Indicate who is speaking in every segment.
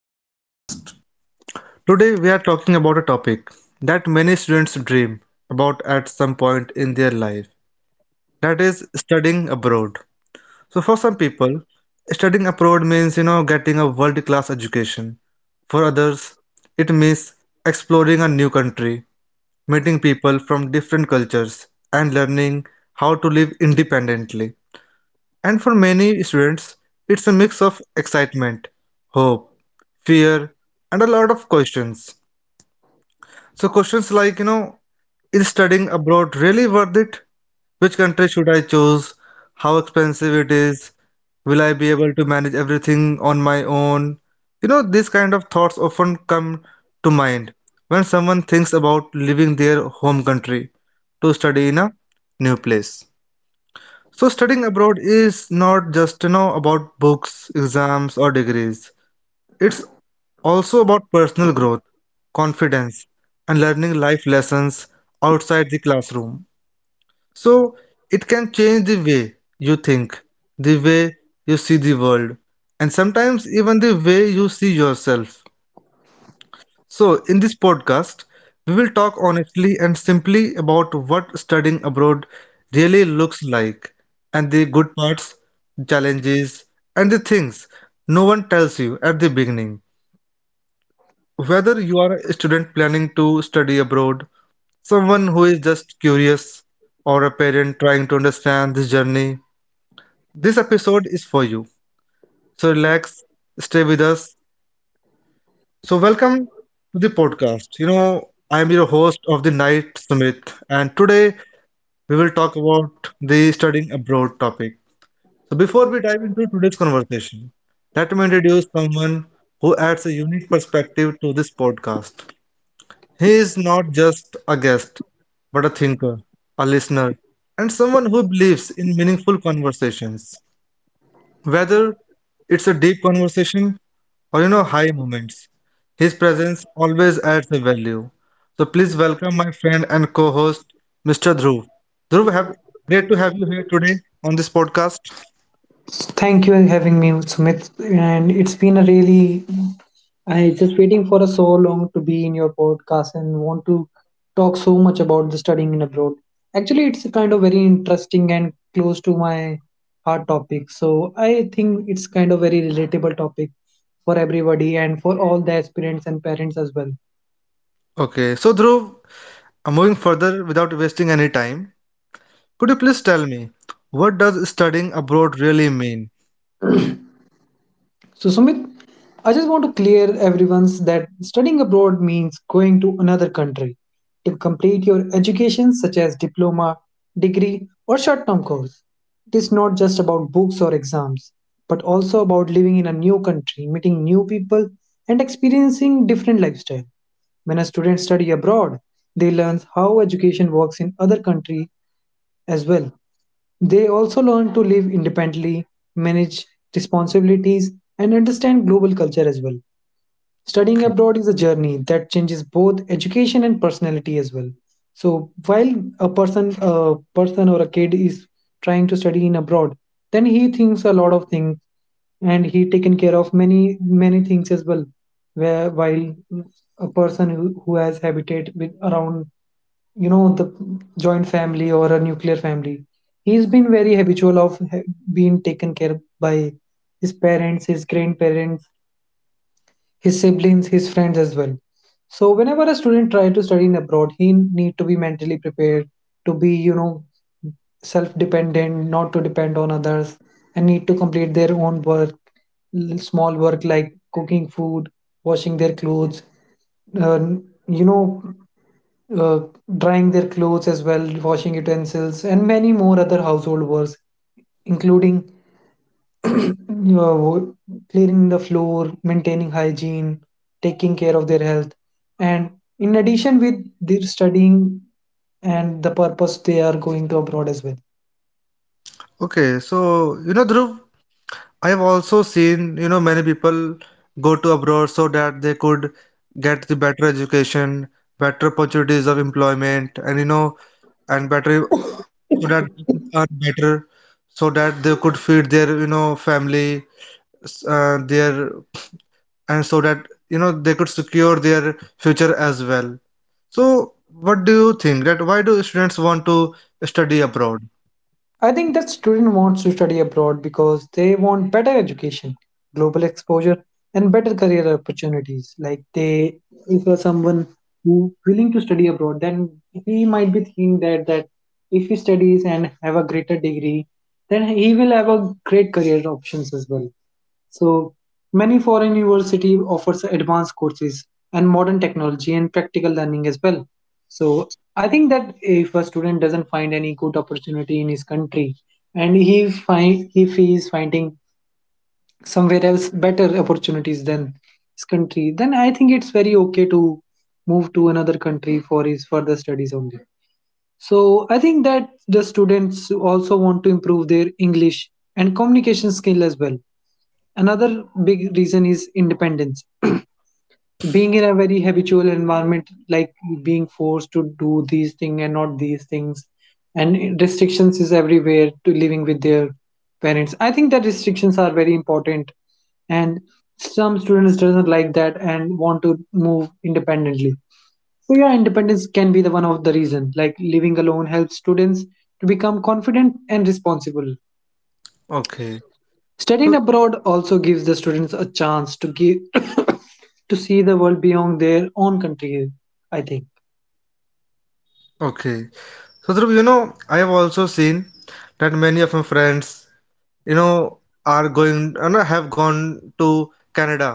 Speaker 1: to the podcast. Today, we are talking about a topic that many students dream about at some point in their life, that is, studying abroad. So, for some people, studying abroad means, getting a world class education. For others, it means exploring a new country, meeting people from different cultures, and learning how to live independently. And for many students, it's a mix of excitement, hope, fear, and a lot of questions. So questions like, is studying abroad really worth it? Which country should I choose? How expensive it is? Will I be able to manage everything on my own? You know, these kind of thoughts often come to mind when someone thinks about leaving their home country to study in a new place. So studying abroad is not just about books, exams or degrees. It's also about personal growth, confidence and learning life lessons outside the classroom. So it can change the way you think, the way you see the world and sometimes even the way you see yourself. So, in this podcast, we will talk honestly and simply about what studying abroad really looks like, and the good parts, challenges, and the things no one tells you at the beginning. Whether you are a student planning to study abroad, someone who is just curious, or a parent trying to understand this journey, this episode is for you. So, relax, stay with us. So, welcome to the podcast. You know, I am your host of the night, Sumit, and today we will talk about the studying abroad topic. So, before we dive into today's conversation, let me introduce someone who adds a unique perspective to this podcast. He is not just a guest, but a thinker, a listener, and someone who believes in meaningful conversations. Whether it's a deep conversation or you know high moments, his presence always adds a value. So please welcome my friend and co-host, Mr. Dhruv. Dhruv, have great to have you here today on this podcast.
Speaker 2: Thank you having me, Sumit. And it's been a really I just waiting for a so long to be in your podcast and want to talk so much about the studying in abroad. Actually, it's a kind of very interesting and close to my heart topic. So I think it's kind of very relatable topic for everybody and for all the aspirants and parents as well.
Speaker 1: Okay, so Dhruv, moving further without wasting any time, could you please tell me what does studying abroad really mean?
Speaker 2: So, Sumit, I just want to clear everyone's that studying abroad means going to another country to complete your education, such as diploma, degree, or short term course. It is not just about books or exams, but also about living in a new country, meeting new people, and experiencing different lifestyle. When a student study abroad, they learn how education works in other country as well. They also learn to live independently, manage responsibilities, and understand global culture as well. Studying
Speaker 1: Okay,
Speaker 2: abroad is a journey that changes both education and personality as well. So while a person or a kid is trying to study in abroad, then he thinks a lot of things, and he taken care of many many things as well. Where while a person who has habited with around you know the joint family or a nuclear family, he's been very habitual of being taken care by his parents, his grandparents, his siblings, his friends as well. So whenever a student try to study in abroad, he need to be mentally prepared to be, you know, self dependent, not to depend on others, and need to complete their own work. Small work like cooking food, washing their clothes, uh, you know uh, drying their clothes as well, washing utensils, and many more other household works, including uh, wo- cleaning the floor, maintaining hygiene, taking care of their health. And in addition, with their studying and the purpose, they are going to abroad as well.
Speaker 1: okay, so you know Dhruv, I've also seen, you know, many people go to abroad so that they could get the better education, better opportunities of employment, and you know, and better, so that they could earn better, so that they could feed their, you know, family, their, and so that, you know, they could secure their future as well. So, what do you think that why do students want to study abroad?
Speaker 2: I think that student wants to study abroad because they want better education, global exposure, and better career opportunities. Like they, if you're someone who willing to study abroad, then he might be thinking that if he studies and have a greater degree, then he will have a great career options as well. So many foreign university offers advanced courses and modern technology and practical learning as well. So I think that if a student doesn't find any good opportunity in his country and he find, if he is finding somewhere else better opportunities than his country, then I think it's very okay to move to another country for his further studies only. So I think that the students also want to improve their English and communication skill as well. Another big reason is independence. Being in a very habitual environment, like being forced to do these things and not these things, and restrictions is everywhere to living with their parents, I think that restrictions are very important, and some students doesn't like that and want to move independently. So yeah, independence can be the one of the reason. Like living alone helps students to become confident and responsible.
Speaker 1: Okay.
Speaker 2: Studying
Speaker 1: So,
Speaker 2: abroad also gives the students a chance to give to see the world beyond their own country, I think.
Speaker 1: okay. So Dhruv, you know, I have also seen that many of my friends, you know, are going, you know, have gone to Canada.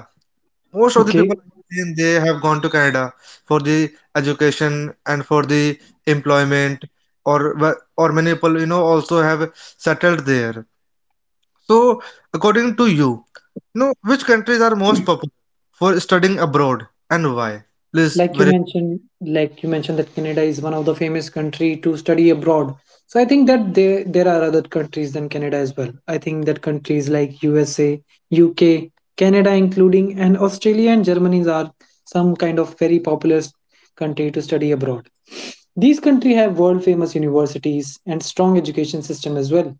Speaker 1: Most of the
Speaker 2: Okay.
Speaker 1: people I've seen, they have gone to Canada for the education and for the employment, or many people, you know, also have settled there. So, according to you, you know, which countries are most popular for studying abroad and why? Please,
Speaker 2: like you
Speaker 1: very.
Speaker 2: mentioned like you mentioned that Canada is one of the famous country to study abroad. So I think that there are other countries than Canada as well. I think that countries like USA, UK, Canada including, and Australia and Germany are some kind of very popular country to study abroad. These countries have world famous universities and strong education system as well.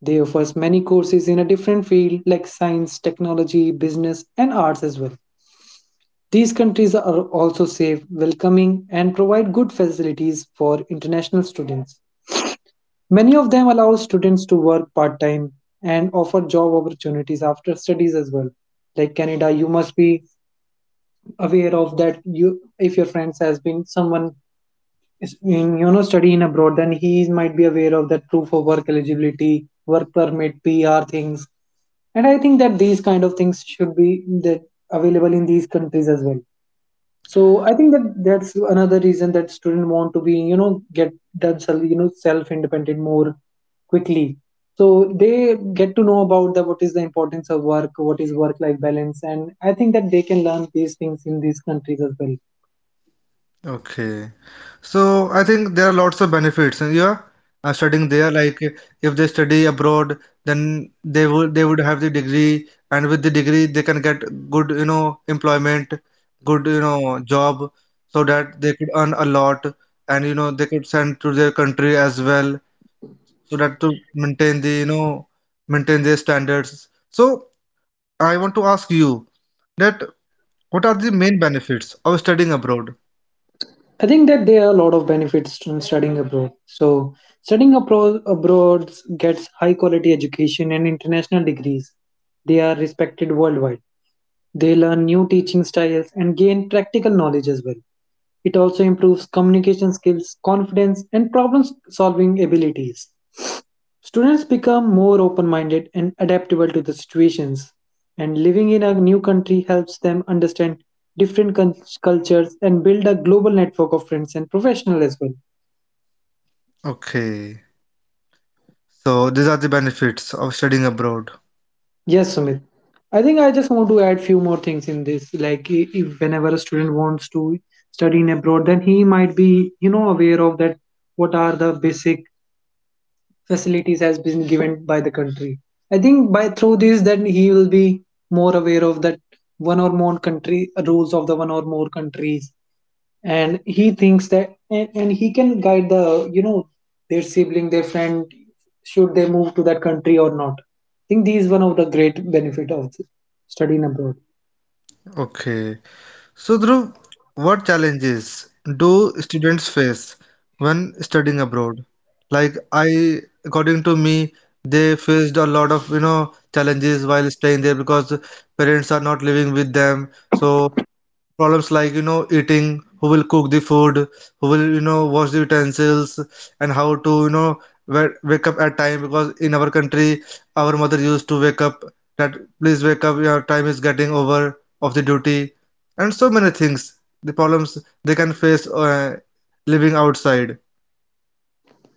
Speaker 2: They offers many courses in a different field like science, technology, business, and arts as well. These countries are also safe, welcoming, and provide good facilities for international students. Many of them allow students to work part time and offer job opportunities after studies as well. Like Canada, you must be aware of that. You, if your friends has been someone is in, you know, studying abroad, then he might be aware of that proof of work eligibility, work permit, PR things, and I think that these kind of things should be that available in these countries as well. So I think that that's another reason that students want to be, you know, get themselves, you know, self independent more quickly. So they get to know about the what is the importance of work, what is work life balance, and I think that they can learn these things in these countries as well.
Speaker 1: Okay. So I think there are lots of benefits. And yeah, studying there, like if they study abroad, then they would have the degree, and with the degree they can get good, you know, employment, good, you know, job, so that they could earn a lot, and you know they could send to their country as well, so that to maintain the, you know, maintain their standards. So I want to ask you that what are the main benefits of studying abroad?
Speaker 2: I think that there are a lot of benefits from studying abroad. So studying abroad gets high quality education and international degrees. They are respected worldwide. They learn new teaching styles and gain practical knowledge as well. It also improves communication skills, confidence, and problem solving abilities. Students become more open minded and adaptable to the situations, and living in a new country helps them understand different cul- cultures and build a global network of friends and professionals as well.
Speaker 1: Okay. So these are the benefits of studying abroad.
Speaker 2: Yes, Sumit. I think I just want to add few more things in this. Like, if whenever a student wants to study in abroad, then he might be, you know, aware of that. What are the basic facilities has been given by the country. I think by through this, then he will be more aware of that one or more country rules of the one or more countries, and he thinks that and he can guide the, you know, their sibling, their friend, should they move to that country or not. I think these one of the great benefit of studying abroad.
Speaker 1: Okay. So Dhruv, what challenges do students face when studying abroad? Like I, according to me, they faced a lot of, you know, challenges while staying there because parents are not living with them. So problems like you know eating, who will cook the food, who will you know wash the utensils, and how to you know wake up at time, because in our country our mother used to wake up that please wake up, your time is getting over of the duty, and so many things the problems they can face living outside.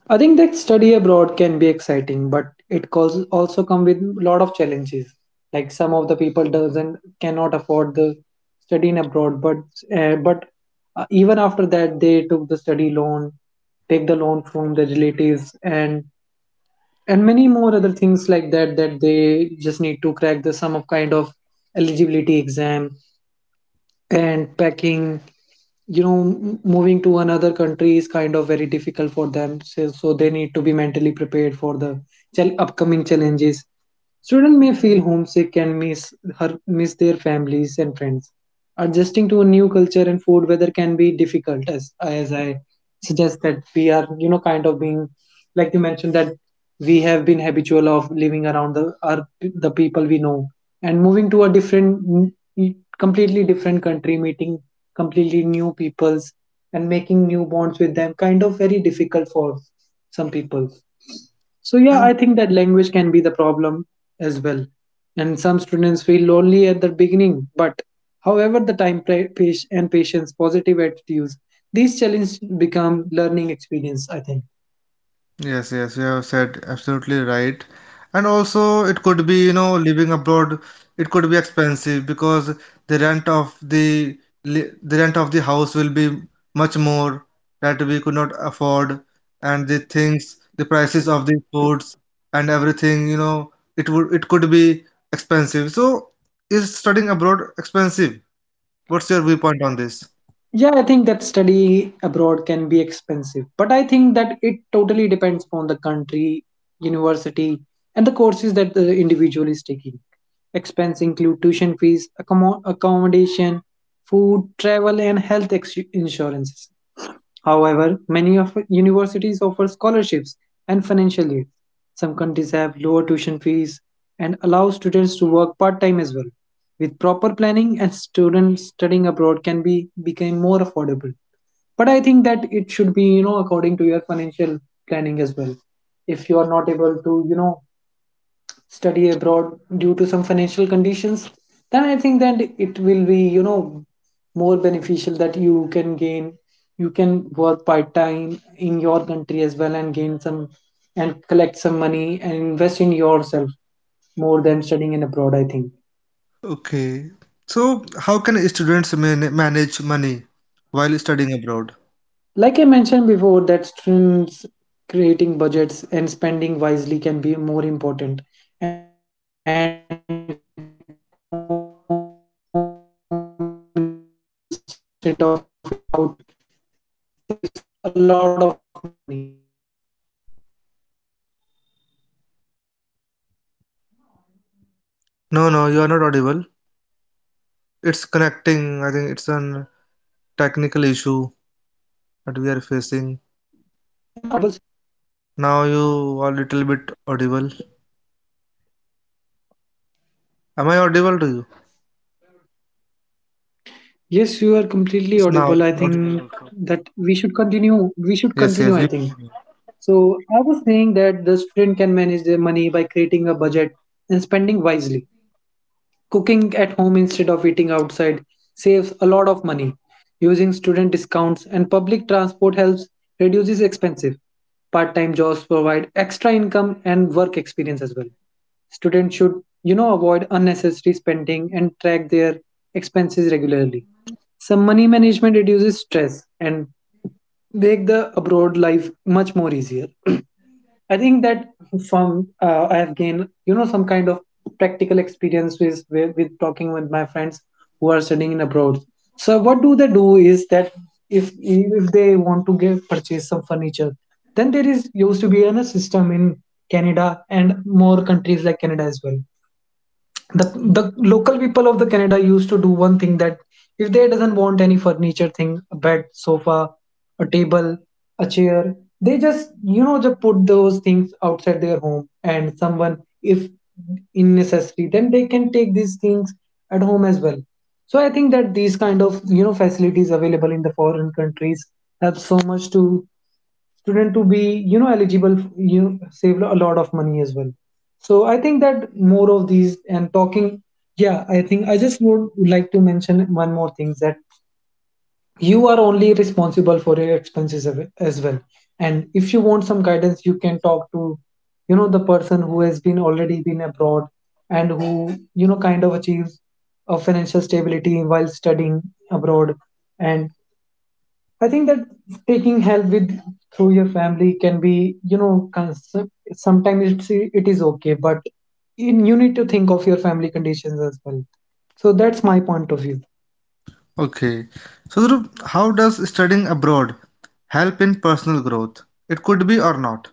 Speaker 2: I think that study abroad can be exciting, but it causes also come with a lot of challenges. Like some of the people doesn't cannot afford the study in abroad, but uh, but even after that they took the study loan, take the loan from their relatives, and many more other things like that that they just need to crack the some of kind of eligibility exam and packing, you know, moving to another country is kind of very difficult for them. So, so they need to be mentally prepared for the upcoming challenges. Students may feel homesick and miss her miss their families and friends. Adjusting to a new culture and food weather can be difficult. As as I suggest that we are, you know, kind of being, like you mentioned, that we have been habitual of living around the our, the people we know, and moving to a different, completely different country, meeting completely new peoples and making new bonds with them, kind of very difficult for some people. So yeah,
Speaker 1: And
Speaker 2: I think that language can be the problem as well. And some students feel lonely at the beginning, but however the time and patience, positive attitudes, these challenges become learning experience, I think.
Speaker 1: yes, yes, you have said absolutely right. And also, it could be, you know, living abroad, it could be expensive because the rent of the the rent of the house will be much more that we could not afford, and the things, the prices of the foods and everything, you know, it would it could be expensive. So, is studying abroad expensive? What's your viewpoint on this?
Speaker 2: Yeah, I think that study abroad can be expensive, but I think that it totally depends on the country, university, and the courses that the individual is taking. Expense include tuition fees, accommodation, food, travel, and health insurances. However, many of universities offer scholarships and financial aid. Some countries have lower tuition fees and allow students to work part-time as well. With proper planning and students studying abroad can be become more affordable. But I think that it should be, you know, according to your financial planning as well. If you are not able to, you know, study abroad due to some financial conditions, then I think that it will be, you know, more beneficial that you can gain, you can work part time in your country as well and gain some and collect some money and invest in yourself more than studying in abroad, I think.
Speaker 1: Okay. So, how can students manage money while studying abroad?
Speaker 2: Like I mentioned before, that students creating budgets and spending wisely can be more important. And cooking at home instead of
Speaker 1: No, no, you are not audible. It's connecting. I think it's an technical issue that we are facing. Now you are little bit audible. Am I audible to you?
Speaker 2: Yes, you are completely audible. I think
Speaker 1: Yes, now
Speaker 2: that
Speaker 1: you
Speaker 2: we
Speaker 1: are
Speaker 2: should
Speaker 1: audible also.
Speaker 2: continue. We should continue, I think.
Speaker 1: Yes, yes,
Speaker 2: So
Speaker 1: you
Speaker 2: I
Speaker 1: continue.
Speaker 2: was saying that the student can manage their money by creating a budget and spending wisely. Cooking at home instead of eating outside saves a lot of money. Using student discounts and public transport helps reduces expensive. Part-time jobs provide extra income and work experience as well. Students should, you know, avoid unnecessary spending and track their expenses regularly. Some money management reduces stress and make the abroad life much more easier. I think that from I have gained, you know, some kind of practical experience with, with talking with my friends who are studying in abroad. So what do they do is that if they want to get purchase some furniture, then there is used to be a system in Canada and more countries like Canada as well. The local people of the canada used to do one thing that if they doesn't want any furniture thing, a bed, sofa, a table, a chair, they just just put those things outside their home, and someone if in necessary then they can take these things at home as well. So I think that these kind of facilities available in the foreign countries have so much to student to be eligible, you save a lot of money as well. So I think that more of these and talking. Yeah, I think I just would like to mention one more thing, that you are only responsible for your expenses as well. And if you want some guidance, you can talk to the person who has been already been abroad, and who kind of achieves a financial stability while studying abroad. And I think that taking help with through your family can be, sometimes it is okay, but you need to think of your family conditions as well. So that's my point of view.
Speaker 1: Okay. So, Dhruv, how does studying abroad help in personal growth? It could be or not.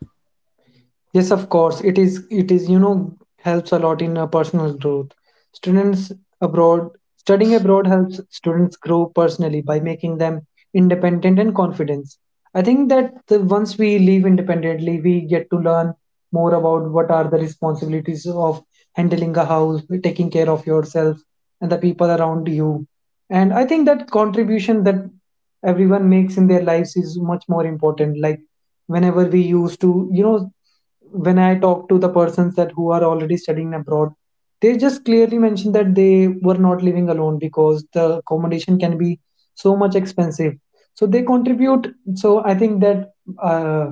Speaker 2: Yes, of course. It is, you know, helps a lot in personal growth. Students abroad, studying abroad helps students grow personally by making them independent and confident. I think that once we live independently, we get to learn more about what are the responsibilities of handling a house, taking care of yourself and the people around you. And I think that contribution that everyone makes in their lives is much more important. Like whenever we used to, you know, when I talk to the persons that who are already studying abroad, they just clearly mention that they were not living alone because the accommodation can be so much expensive. So they contribute. So I think that uh,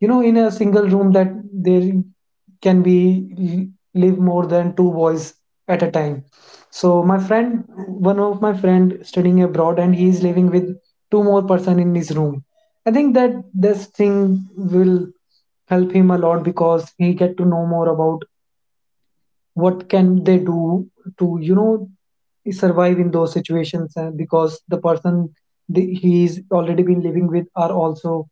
Speaker 2: you know, in a single room, that there can be live more than two boys at a time. So my friend, one of my friend studying abroad and he is living with two more person in his room. I think that this thing will help him a lot because he get to know more about what can they do to, you know, survive in those situations. And because the person he's already been living with are also,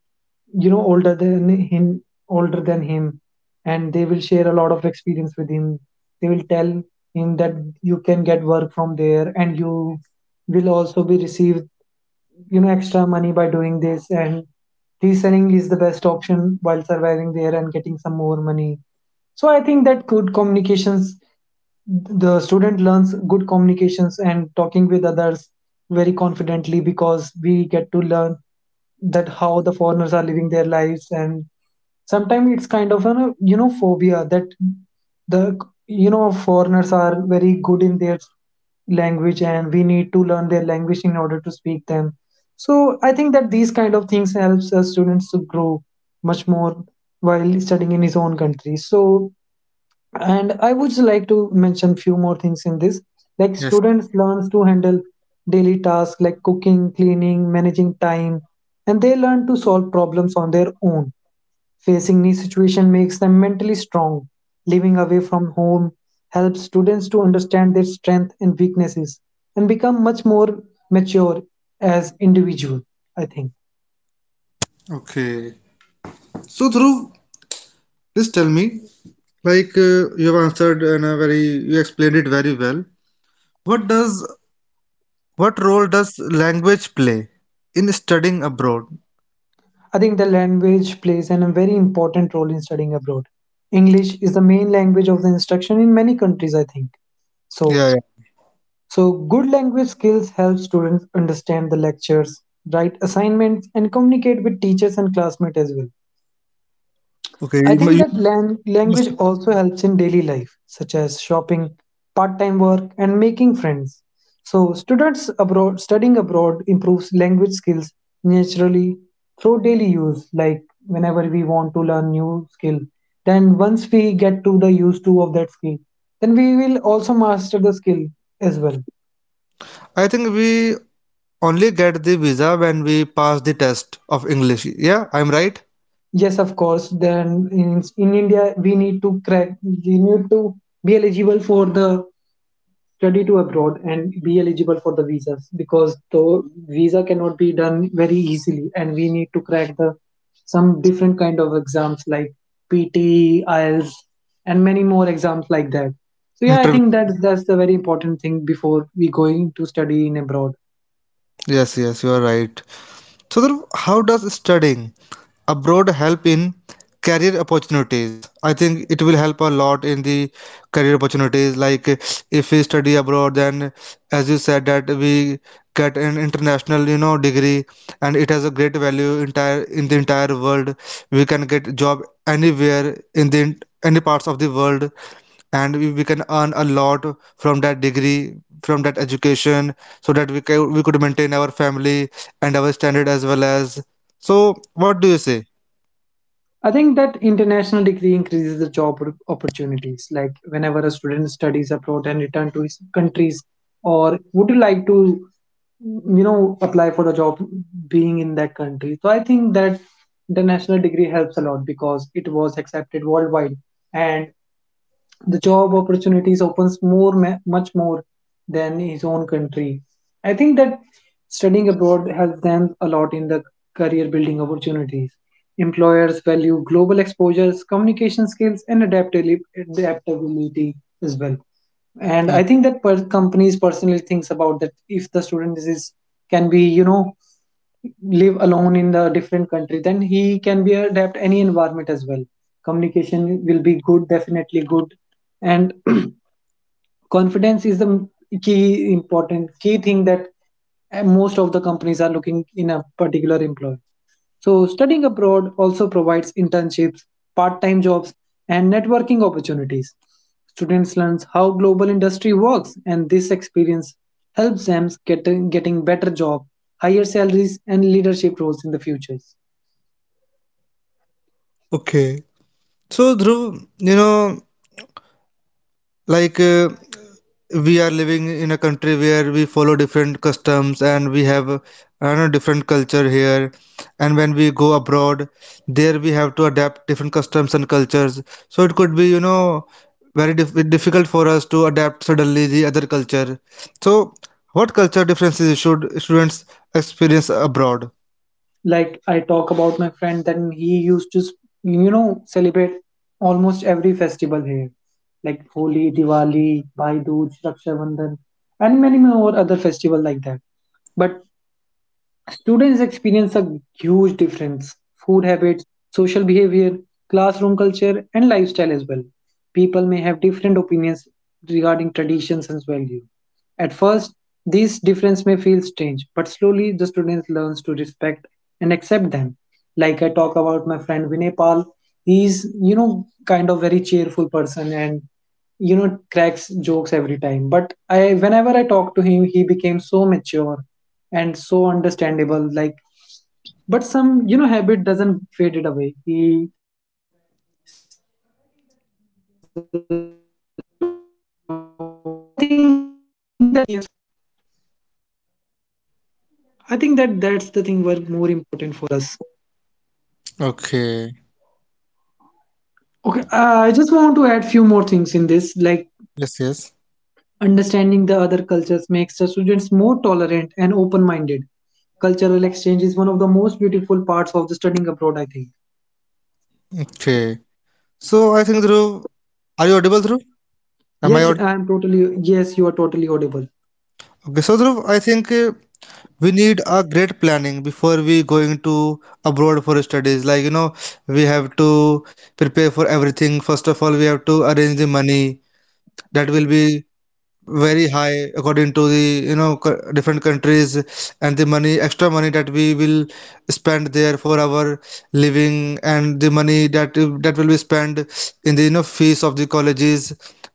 Speaker 2: you know, older than him, older than him, and they will share a lot of experience with him. They will tell him that you can get work from there, and you will also be received, you know, extra money by doing this. And reselling is the best option while surviving there and getting some more money. So I think that good communications, the student learns good communications and talking with others very confidently, because we get to learn that how the foreigners are living their lives. And sometimes it's kind of an you know phobia that the you know foreigners are very good in their language and we need to learn their language in order to speak them. So I think that these kind of things helps us students to grow much more while studying in his own country. So and I would like to mention few more things in this, like
Speaker 1: Yes.
Speaker 2: students learns to handle daily tasks like cooking, cleaning, managing time, and they learn to solve problems on their own. Facing new situation makes them mentally strong. Living away from home helps students to understand their strength and weaknesses and become much more mature as individual, I think.
Speaker 1: Okay. So, Dhruv, please tell me, like you have answered in a very, you explained it very well. What does What role does language play in studying abroad?
Speaker 2: I think the language plays a very important role in studying abroad. English is the main language of the instruction in many countries, I think. So,
Speaker 1: Yeah, yeah.
Speaker 2: so good language skills help students understand the lectures, write assignments, and communicate with teachers and classmates as well.
Speaker 1: Okay,
Speaker 2: I
Speaker 1: you,
Speaker 2: think that
Speaker 1: you
Speaker 2: language
Speaker 1: must have
Speaker 2: also
Speaker 1: been.
Speaker 2: helps in daily life, such as shopping, part time work, and making friends. So, students abroad studying abroad improves language skills naturally through daily use, like whenever we want to learn new skill. Then, once we get to the use to of that skill, then we will also master the skill as well.
Speaker 1: I think we only get the visa when we pass the test of English. Yeah, I'm right?
Speaker 2: Yes, of course. Then in India, we need to be eligible for the study to abroad and be eligible for the visas, because the visa cannot be done very easily and we need to crack the some different kind of exams like PT, IELTS and many more exams like that. So yeah, I think
Speaker 1: Interview.
Speaker 2: that's the very important thing before we going to study in abroad.
Speaker 1: Yes, yes, you are right. So, Dhruv, how does studying abroad help in career opportunities? I think it will help a lot in the career opportunities. Like if we study abroad, then as you said that we get an international you know degree, and it has a great value entire in the entire world. We can get job anywhere in the any parts of the world, and we, can earn a lot from that degree, from that education, so that we can we could maintain our family and our standard as well as. So what do you say?
Speaker 2: I think that international degree increases the opportunities. Like whenever a student studies abroad and return to his countries, or would you like to, you know, apply for the job being in that country? So I think that international degree helps a lot because it was accepted worldwide, and the job opportunities opens more, much more than his own country. I think that studying abroad helps them a lot in the career building opportunities. Employers value global exposures, communication skills, and adaptability as well. And
Speaker 1: Mm.
Speaker 2: I think that companies personally thinks about that if the can be, you know, live alone in the different country, then he can be adapt any environment as well. Communication will be good, definitely good, and confidence is the key important key thing that most of the companies are looking in a particular employee. So, studying abroad also provides internships, part time jobs, and networking opportunities. Students learn how global industry works, and this experience helps them getting better job, higher salaries, and leadership roles in the future.
Speaker 1: Okay. So, Dhruv, you know, like we are living in a country where we follow different customs and we have, I don't know, different culture here. And when we go abroad, there we have to adapt different customs and cultures. So it could be, you know, very difficult for us to adapt suddenly the other culture. So, what culture differences should students experience abroad?
Speaker 2: Like I talk about my friend, then he used to, you know, celebrate almost every festival here, like Holi, Diwali, Bhai Dooj, Raksha Bandhan, and many more other festival like that. But students experience a huge difference, food habits, social behavior, classroom culture, and lifestyle as well. People may have different opinions regarding traditions and values. At first, these differences may feel strange, but slowly the students learns to respect and accept them. Like I talk about my friend Vinay Pal, he's, you know, kind of very cheerful person and, you know, cracks jokes every time. But I whenever I talk to him he became so mature and so understandable, like. But some, you know, habit doesn't fade it away. He still cracks the jokes.
Speaker 1: Okay.
Speaker 2: Okay, I just want to add few more things in this. Like
Speaker 1: Yes, yes.
Speaker 2: understanding the other cultures makes the students more tolerant and open-minded. Cultural exchange is one of the most beautiful parts of the studying abroad, I think.
Speaker 1: Okay. So I think Dhruv, are you audible, Dhruv? Am I
Speaker 2: Yes,
Speaker 1: audible?
Speaker 2: I'm totally. Yes, you are totally audible.
Speaker 1: Okay, so Dhruv, I think we need a great planning before we going to abroad for studies. Like you know, we have to prepare for everything. First of all, we have to arrange the money that will be very high according to the you know different countries, and the money, extra money that we will spend there for our living, and the money that will be spent in the you know fees of the colleges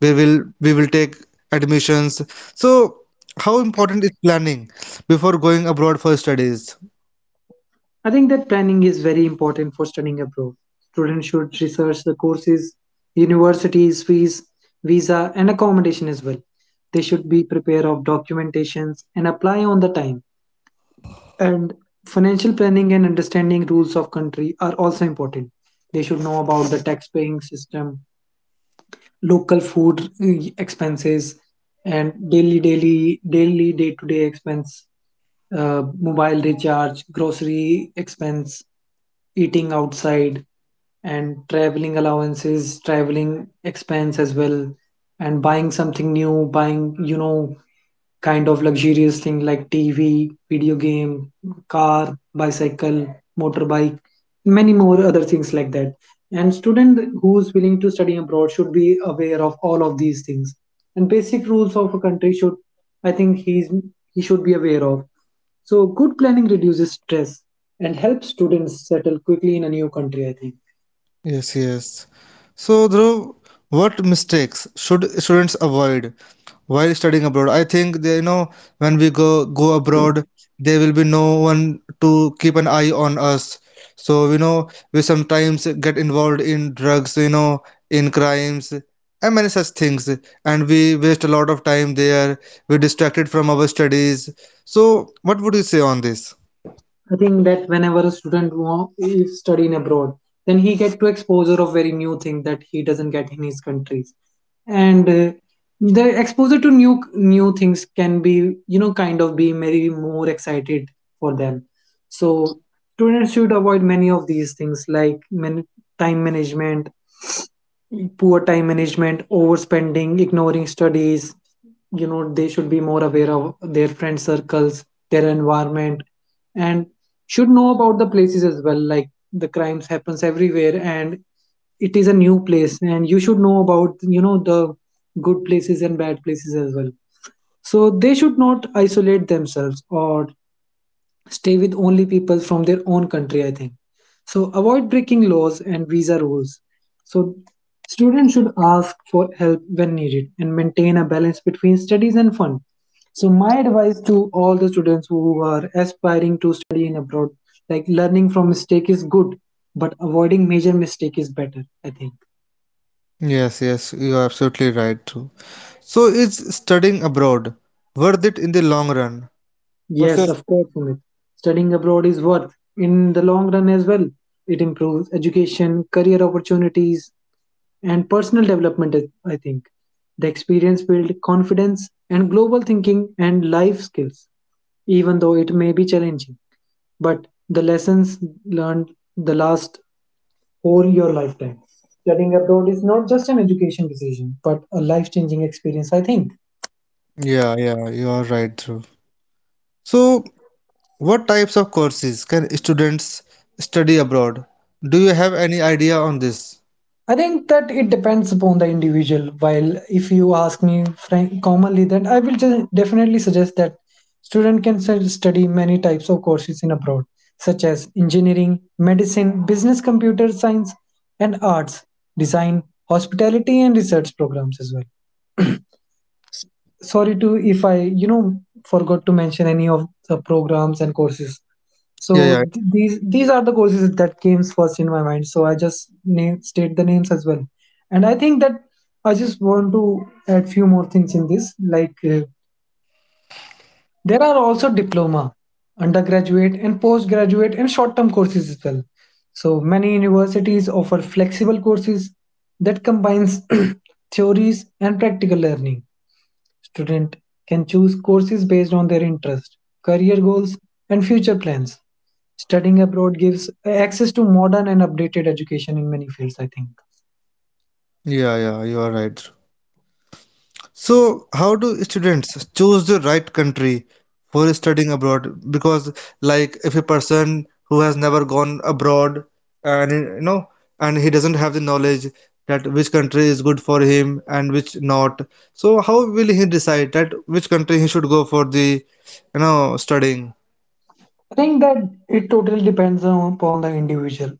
Speaker 1: we will take admissions. So how important is planning before going abroad for studies?
Speaker 2: I think that planning is very important for studying abroad. Students should research the courses, universities, fees, visa, and accommodation as well. They should be prepared of documentations and apply on the time. And financial planning and understanding rules of country are also important. They should know about the tax paying system, local food, expenses, and daily day to day expense, mobile recharge, grocery expense, eating outside, and traveling allowances, traveling expense as well, and buying something new, buying, you know, kind of luxurious thing like TV, video game, car, bicycle, motorbike, many more other things like that. And student who's willing to study abroad should be aware of all of these things. And basic rules of a country should, I think he should be aware of. So good planning reduces stress and helps students settle quickly in a new country, I think.
Speaker 1: Yes, yes. So, Dhruv, what mistakes should students avoid while studying abroad? I think they, you know, when we go abroad, there will be no one to keep an eye on us. So, you know, we sometimes get involved in drugs, you know, in crimes and many such things, and we waste a lot of time there. We're distracted from our studies. So, what would you say on this?
Speaker 2: I think that whenever a is studying abroad, then he get to exposure of very new thing that he doesn't get in his countries. And the exposure to new things can be, you know, kind of be very more excited for them. So students should avoid many of these things like time management, poor time management, overspending, ignoring studies. You know, they should be more aware of their friend circles, their environment, and should know about the places as well. Like the crimes happens everywhere, and it is a new place, and you should know about, you know, the good places and bad places as well. So they should not isolate themselves or stay with only people from their own country, I think. So avoid breaking laws and visa rules. So students should ask for help when needed and maintain a balance between studies and fun. So my advice to all the students who are aspiring to study in abroad, like learning from mistake is good, but avoiding major mistake is better, I think.
Speaker 1: Yes, yes, you are absolutely right, Dhruv. So is studying abroad worth it in the long run? What's
Speaker 2: Yes,
Speaker 1: your.
Speaker 2: of course, Sumit. Studying abroad is worth in the long run as well. It improves education, career opportunities, and personal development, I think. The experience builds confidence and global thinking and life skills, even though it may be challenging. But the lessons learned the last whole your lifetime. Studying abroad is not just an education decision, but a life changing experience, I think.
Speaker 1: Yeah, yeah, you are right, Dhruv. So what types of courses can students study abroad? Do you have any idea on this?
Speaker 2: I think that it depends upon the individual. While if you ask me frank, commonly, then I will just definitely suggest that study many types of courses in abroad, such as engineering, medicine, business, computer science, and arts, design, hospitality, and research programs as well. Sorry to if I forgot to mention any of the programs and courses. So
Speaker 1: Yeah, yeah,
Speaker 2: these are the courses that came first in my mind, so I just state the names as well. And I think that I just want to add few more things in this like there are also diploma, undergraduate and postgraduate and short term courses as well. So many universities offer flexible courses that combines theories and practical learning. Student can choose courses based on their interest, career goals, and future plans. Studying abroad gives access to modern and updated education in many fields, I think.
Speaker 1: yeah, you are right, Dhruv. So, how do students choose the right country for studying abroad? Because, like, if a person who has never gone abroad and you know, and he doesn't have the knowledge that which country is good for him and which not, so how will he decide that which country he should go for the you know studying?
Speaker 2: I think that it totally upon the individual,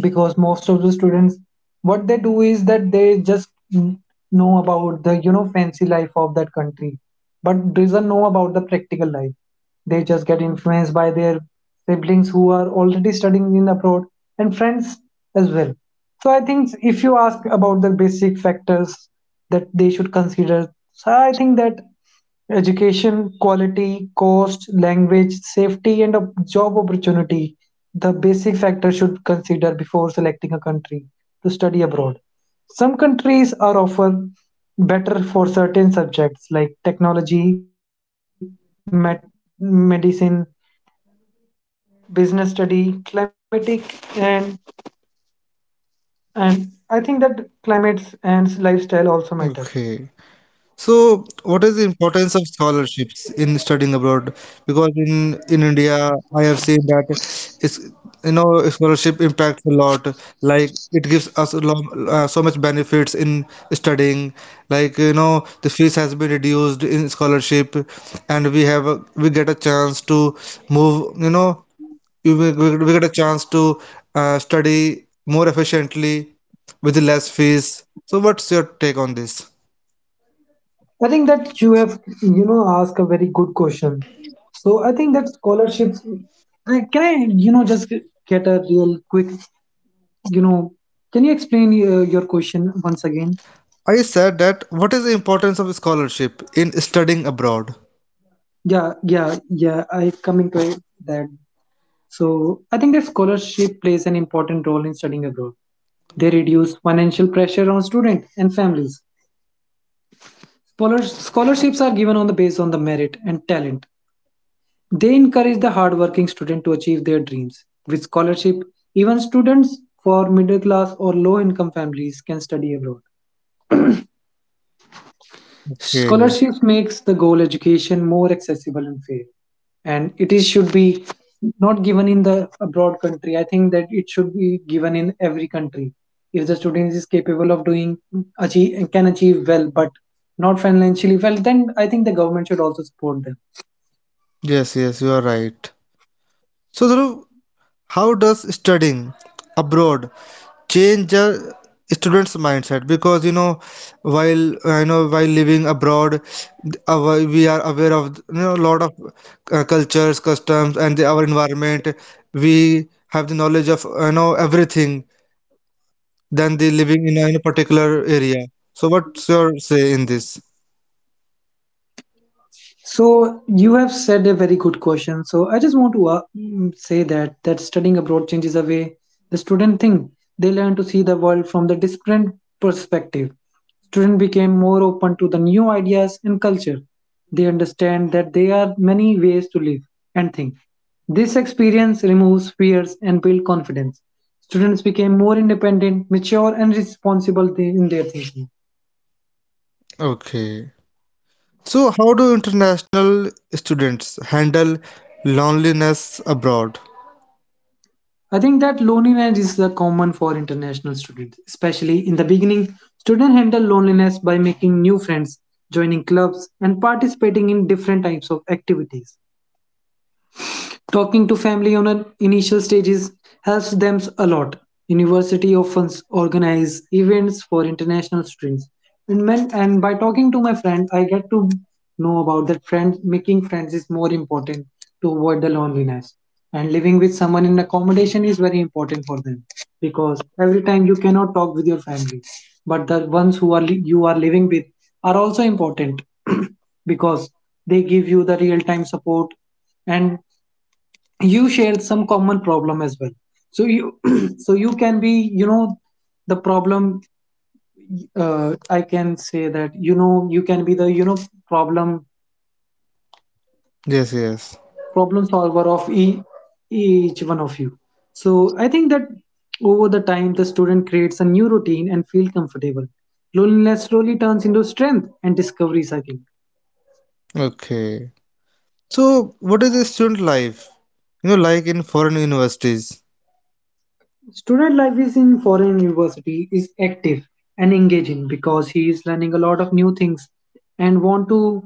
Speaker 2: because most of the students what they do is that they just know about the fancy life of that country but doesn't know about the practical life. They just get influenced by their siblings who are already studying in abroad and friends as well. So I think if you ask about the basic factors that they should consider, so I think that education, quality, cost, language, safety, and job opportunity. The basic factors should consider before selecting a country to study abroad. Some countries are offer better for certain subjects like technology, medicine.
Speaker 1: Okay. So, what is the importance of scholarships in studying abroad? Because in India, I have seen that it's you know a scholarship impacts a lot. Like it gives us a lot, so much benefits in studying. Like you know the fees has been reduced in scholarship, and we have a, we get a chance to move. You know we, we get a chance to study more efficiently with less fees. So, what's your take on this?
Speaker 2: I think that you have, you know, asked a very good question. So I think that scholarships. Can I, you know, just get a real quick, you know, can you explain your question once again?
Speaker 1: I said that what is the importance of scholarship in studying abroad?
Speaker 2: Yeah, yeah, coming to that. So I think that scholarship plays an important role in studying abroad. They reduce financial pressure on students and families. Scholarships are given on the base on the merit and talent. They encourage the hardworking student to achieve their dreams. With scholarship, even students for middle class or low income families can study abroad.
Speaker 1: Okay.
Speaker 2: Scholarships makes the goal education more accessible and fair. And it is should be not given in the abroad country. I think that it should be given in every country. If the student is capable of doing achieve can achieve well but not financially well, then I think the government should also support them.
Speaker 1: Yes, yes, you are right. So, Dhruv, how does studying abroad change a student's mindset? Because you know, while I know while living abroad, our, we are aware of you know a lot of cultures, customs, and the, our environment. We have the knowledge of you know everything than the living in a particular area. So, what's your say in this?
Speaker 2: So you have said a very good question. So I just want to say that studying abroad changes the way the student think. They learn to see the world from the different perspective. Students became more open to the new ideas and culture. They understand that there are many ways to live and think. This experience removes fears and builds confidence. Students became more independent, mature, and responsible in their thinking.
Speaker 1: Okay. So, how do international students handle loneliness abroad?
Speaker 2: I think that loneliness is common for international students, especially in the beginning. Students handle loneliness by making new friends, joining clubs, and participating in different types of activities. Talking to family on an initial stages helps them a lot. University often organize events for international students. And by talking to my friend, I get to know about that friend making friends is more important to avoid the loneliness. And living with someone in accommodation is very important for them, because every time you cannot talk with your family, but the ones who are you are living with are also important because they give you the real time support, and you share some common problem as well. So you so you can be, you know, the problem, I can say that, you know, you can be the, you know, problem
Speaker 1: Yes, yes.
Speaker 2: problem solver of each one of you. So I think that over the time the student creates a new routine and feel comfortable. Loneliness slowly turns into strength and discoveries, I think.
Speaker 1: Okay. So, what is the student life? You know, like in foreign universities.
Speaker 2: Student life is in foreign university is active and engaging because he is learning a lot of new things and want to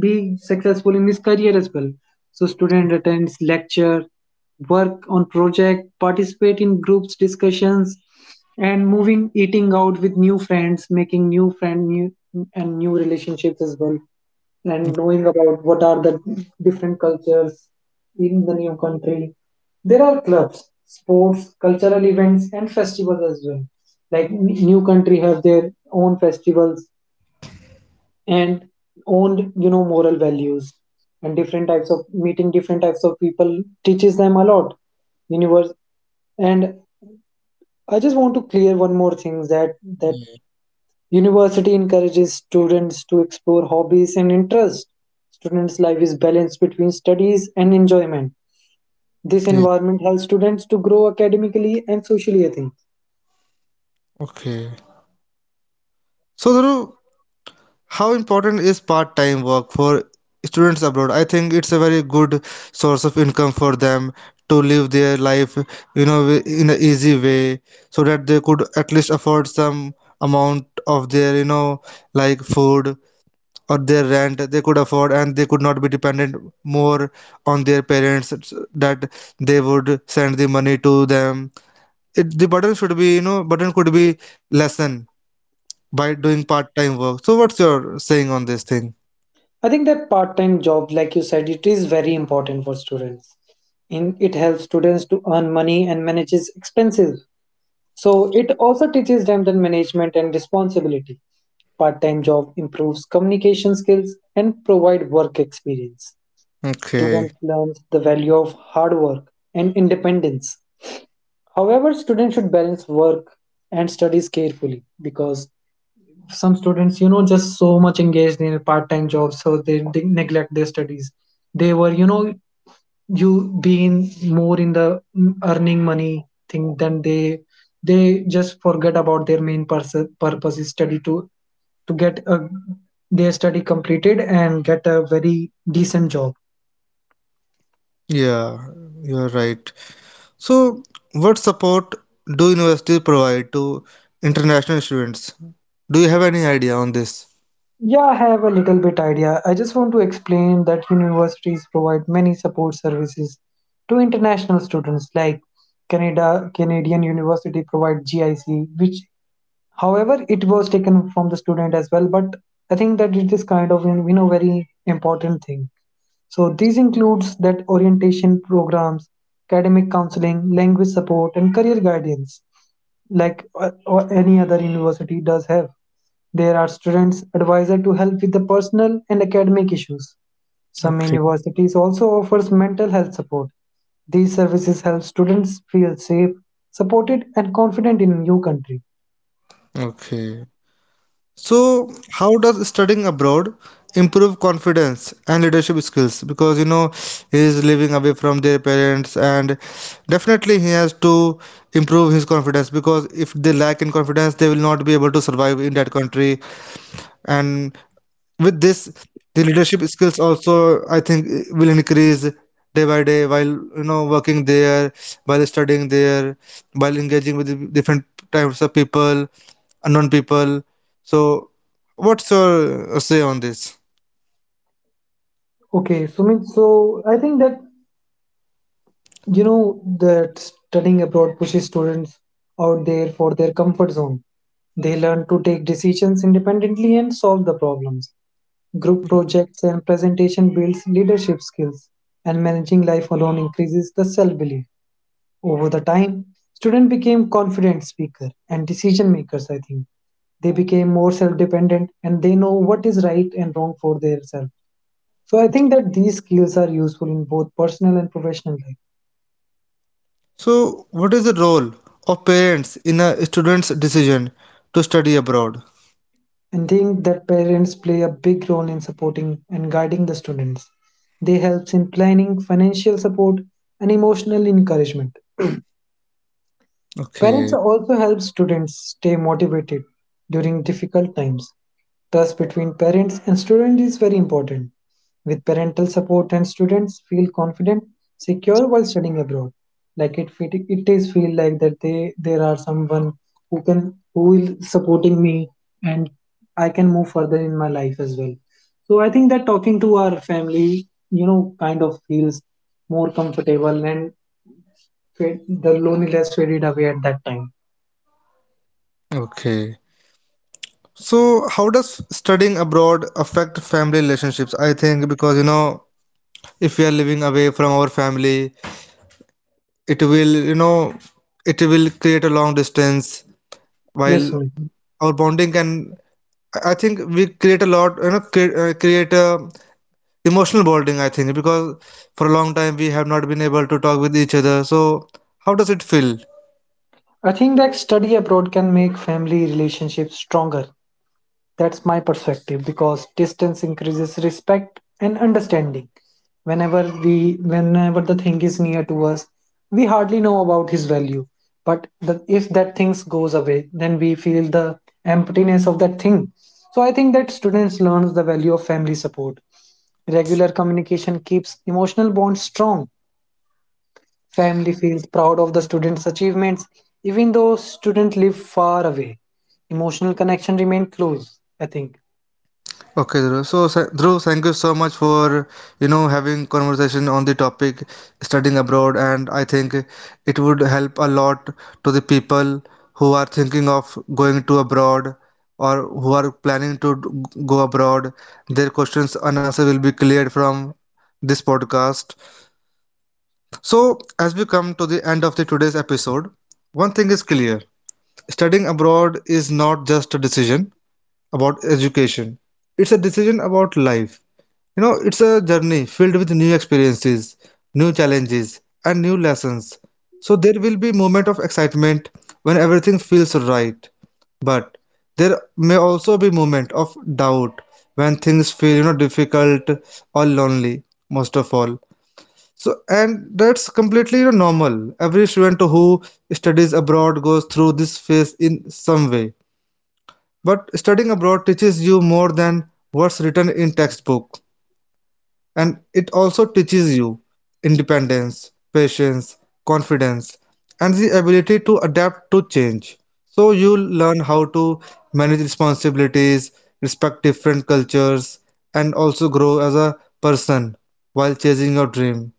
Speaker 2: be successful in his career as well. So student attends lecture, work on project, participate in groups discussions, and moving eating out with new friends, making new and new relationships as well, and knowing about what are the different cultures in the new country. There are clubs, sports, cultural events, and festivals as well. Like new country have their own festivals and own, you know, moral values, and different types of meeting different types of people teaches them a lot. Universe and I just want to clear one more thing that
Speaker 1: Yeah.
Speaker 2: university encourages students to explore hobbies and interests. Students' life is balanced between studies and enjoyment. This
Speaker 1: Yeah.
Speaker 2: environment helps students to grow academically and socially, I think.
Speaker 1: Okay. So, Dhruv, how important is part-time work for students abroad? I think it's a very good source of income for them to live their life, you know, in an easy way, so that they could at least afford some amount of their, you know, like food or their rent they could afford and they could not be dependent more on their parents that they would send the money to the burden should be, you know, burden could be lessened by doing part-time work. So what's your saying on this thing?
Speaker 2: I think that part-time job, like you said, it is very important for students. In it helps students to earn money and manages expenses. So it also teaches them the management and responsibility. Part-time job improves communication skills and provide work experience.
Speaker 1: Okay.
Speaker 2: Student learns the value of hard work and independence. However, students should balance work and studies carefully because some students, you know, just so much engaged in part-time jobs, so they neglect their studies. They were, you know, you being more in the earning money thing than they just forget about their main purpose is study to get a, their study completed and get a very decent job.
Speaker 1: Yeah, you're right. So what support do universities provide to international students? Do you have any idea on this?
Speaker 2: Yeah, I have a little bit idea. I just want to explain that universities provide many support services to international students like Canada Canadian University provide GIC, which however it was taken from the student as well, but I think that it is kind of, you know, very important thing. So these includes that orientation programs, academic counseling, language support, and career guidance, like or any other university does have. There are students advisor to help with the personal and academic issues. Some
Speaker 1: Okay.
Speaker 2: universities also offers mental health support. These services help students feel safe, supported, and confident in new country.
Speaker 1: Okay. So, how does studying abroad improve confidence and leadership skills? Because you know, he is living away from their parents, and definitely he has to improve his confidence, because if they lack in confidence, they will not be able to survive in that country. And with this, the leadership skills also, I think, will increase day by day while you know working there, while studying there, while engaging with the different types of people, unknown people. So, what's your say on this?
Speaker 2: Okay, Sumit. So I think that you know that studying abroad pushes students out there for their comfort zone. They learn to take decisions independently and solve the problems. Group projects and presentation builds leadership skills, and managing life alone increases the self-belief. Over the time, students became confident speaker and decision makers, I think. They became more self-dependent and they know what is right and wrong for themselves. So I think that these skills are useful in both personal and professional life.
Speaker 1: So, what is the role of parents in a student's decision to study abroad?
Speaker 2: And think that parents play a big role in supporting and guiding the students. They helps in planning, financial support, and emotional encouragement. Parents
Speaker 1: Okay,
Speaker 2: also help students stay motivated during difficult times. Trust between parents and students is very important. With parental support and students feel confident, secure while studying abroad. Like it, it is feel like that they there are someone who can who is supporting me, and I can move further in my life as well. So I think that talking to our family, you know, kind of feels more comfortable and fade, the loneliness faded away at that time.
Speaker 1: okay. So, how does studying abroad affect family relationships? I think because you know, if we are living away from our family, it will, you know, it will create a long distance while
Speaker 2: Yes, Sumit.
Speaker 1: our bonding can. I think we create a lot, you know, create create a emotional bonding, I think, because for a long time we have not been able to talk with each other. So how does it feel?
Speaker 2: I think that study abroad can make family relationships stronger. That's my perspective, because distance increases respect and understanding. Whenever the thing is near to us, we hardly know about his value. But if that thing goes away, then we feel the emptiness of that thing. So I think that students learn the value of family support. Regular communication keeps emotional bonds strong. Family feels proud of the student's achievements, even though students live far away. Emotional connection remain close, I think.
Speaker 1: Okay, Dhruv. So Dhruv, thank you so much for you know having conversation on the topic studying abroad, and I think it would help a lot to the people who are thinking of going to abroad, or who are planning to go abroad. Their questions and answer will be cleared from this podcast. So as we come to the end of the today's episode, one thing is clear. Studying abroad is not just a decision about education, it's a decision about life. You know, it's a journey filled with new experiences, new challenges, and new lessons. So there will be moment of excitement when everything feels right, but there may also be moment of doubt when things feel you know difficult or lonely most of all. So, and that's completely, you know, normal. Every student who studies abroad goes through this phase in some way. But studying abroad teaches you more than what's written in textbook. And it also teaches you independence, patience, confidence, and the ability to adapt to change. So you learn how to manage responsibilities, respect different cultures, and also grow as a person while chasing your dream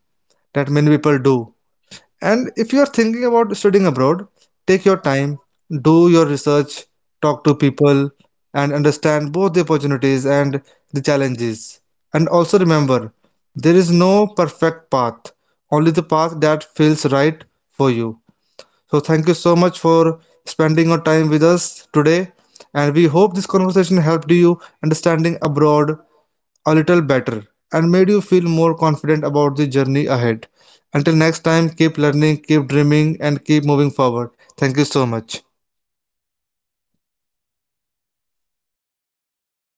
Speaker 1: that many people do. And if you are thinking about studying abroad, take your time, do your research, talk to people, and understand both the opportunities and the challenges. And also remember, there is no perfect path, only the path that feels right for you. So, thank you so much for spending your time with us today. And we hope this conversation helped you understanding abroad a little better, and made you feel more confident about the journey ahead. Until next time, keep learning, keep dreaming, and keep moving forward. Thank you so much.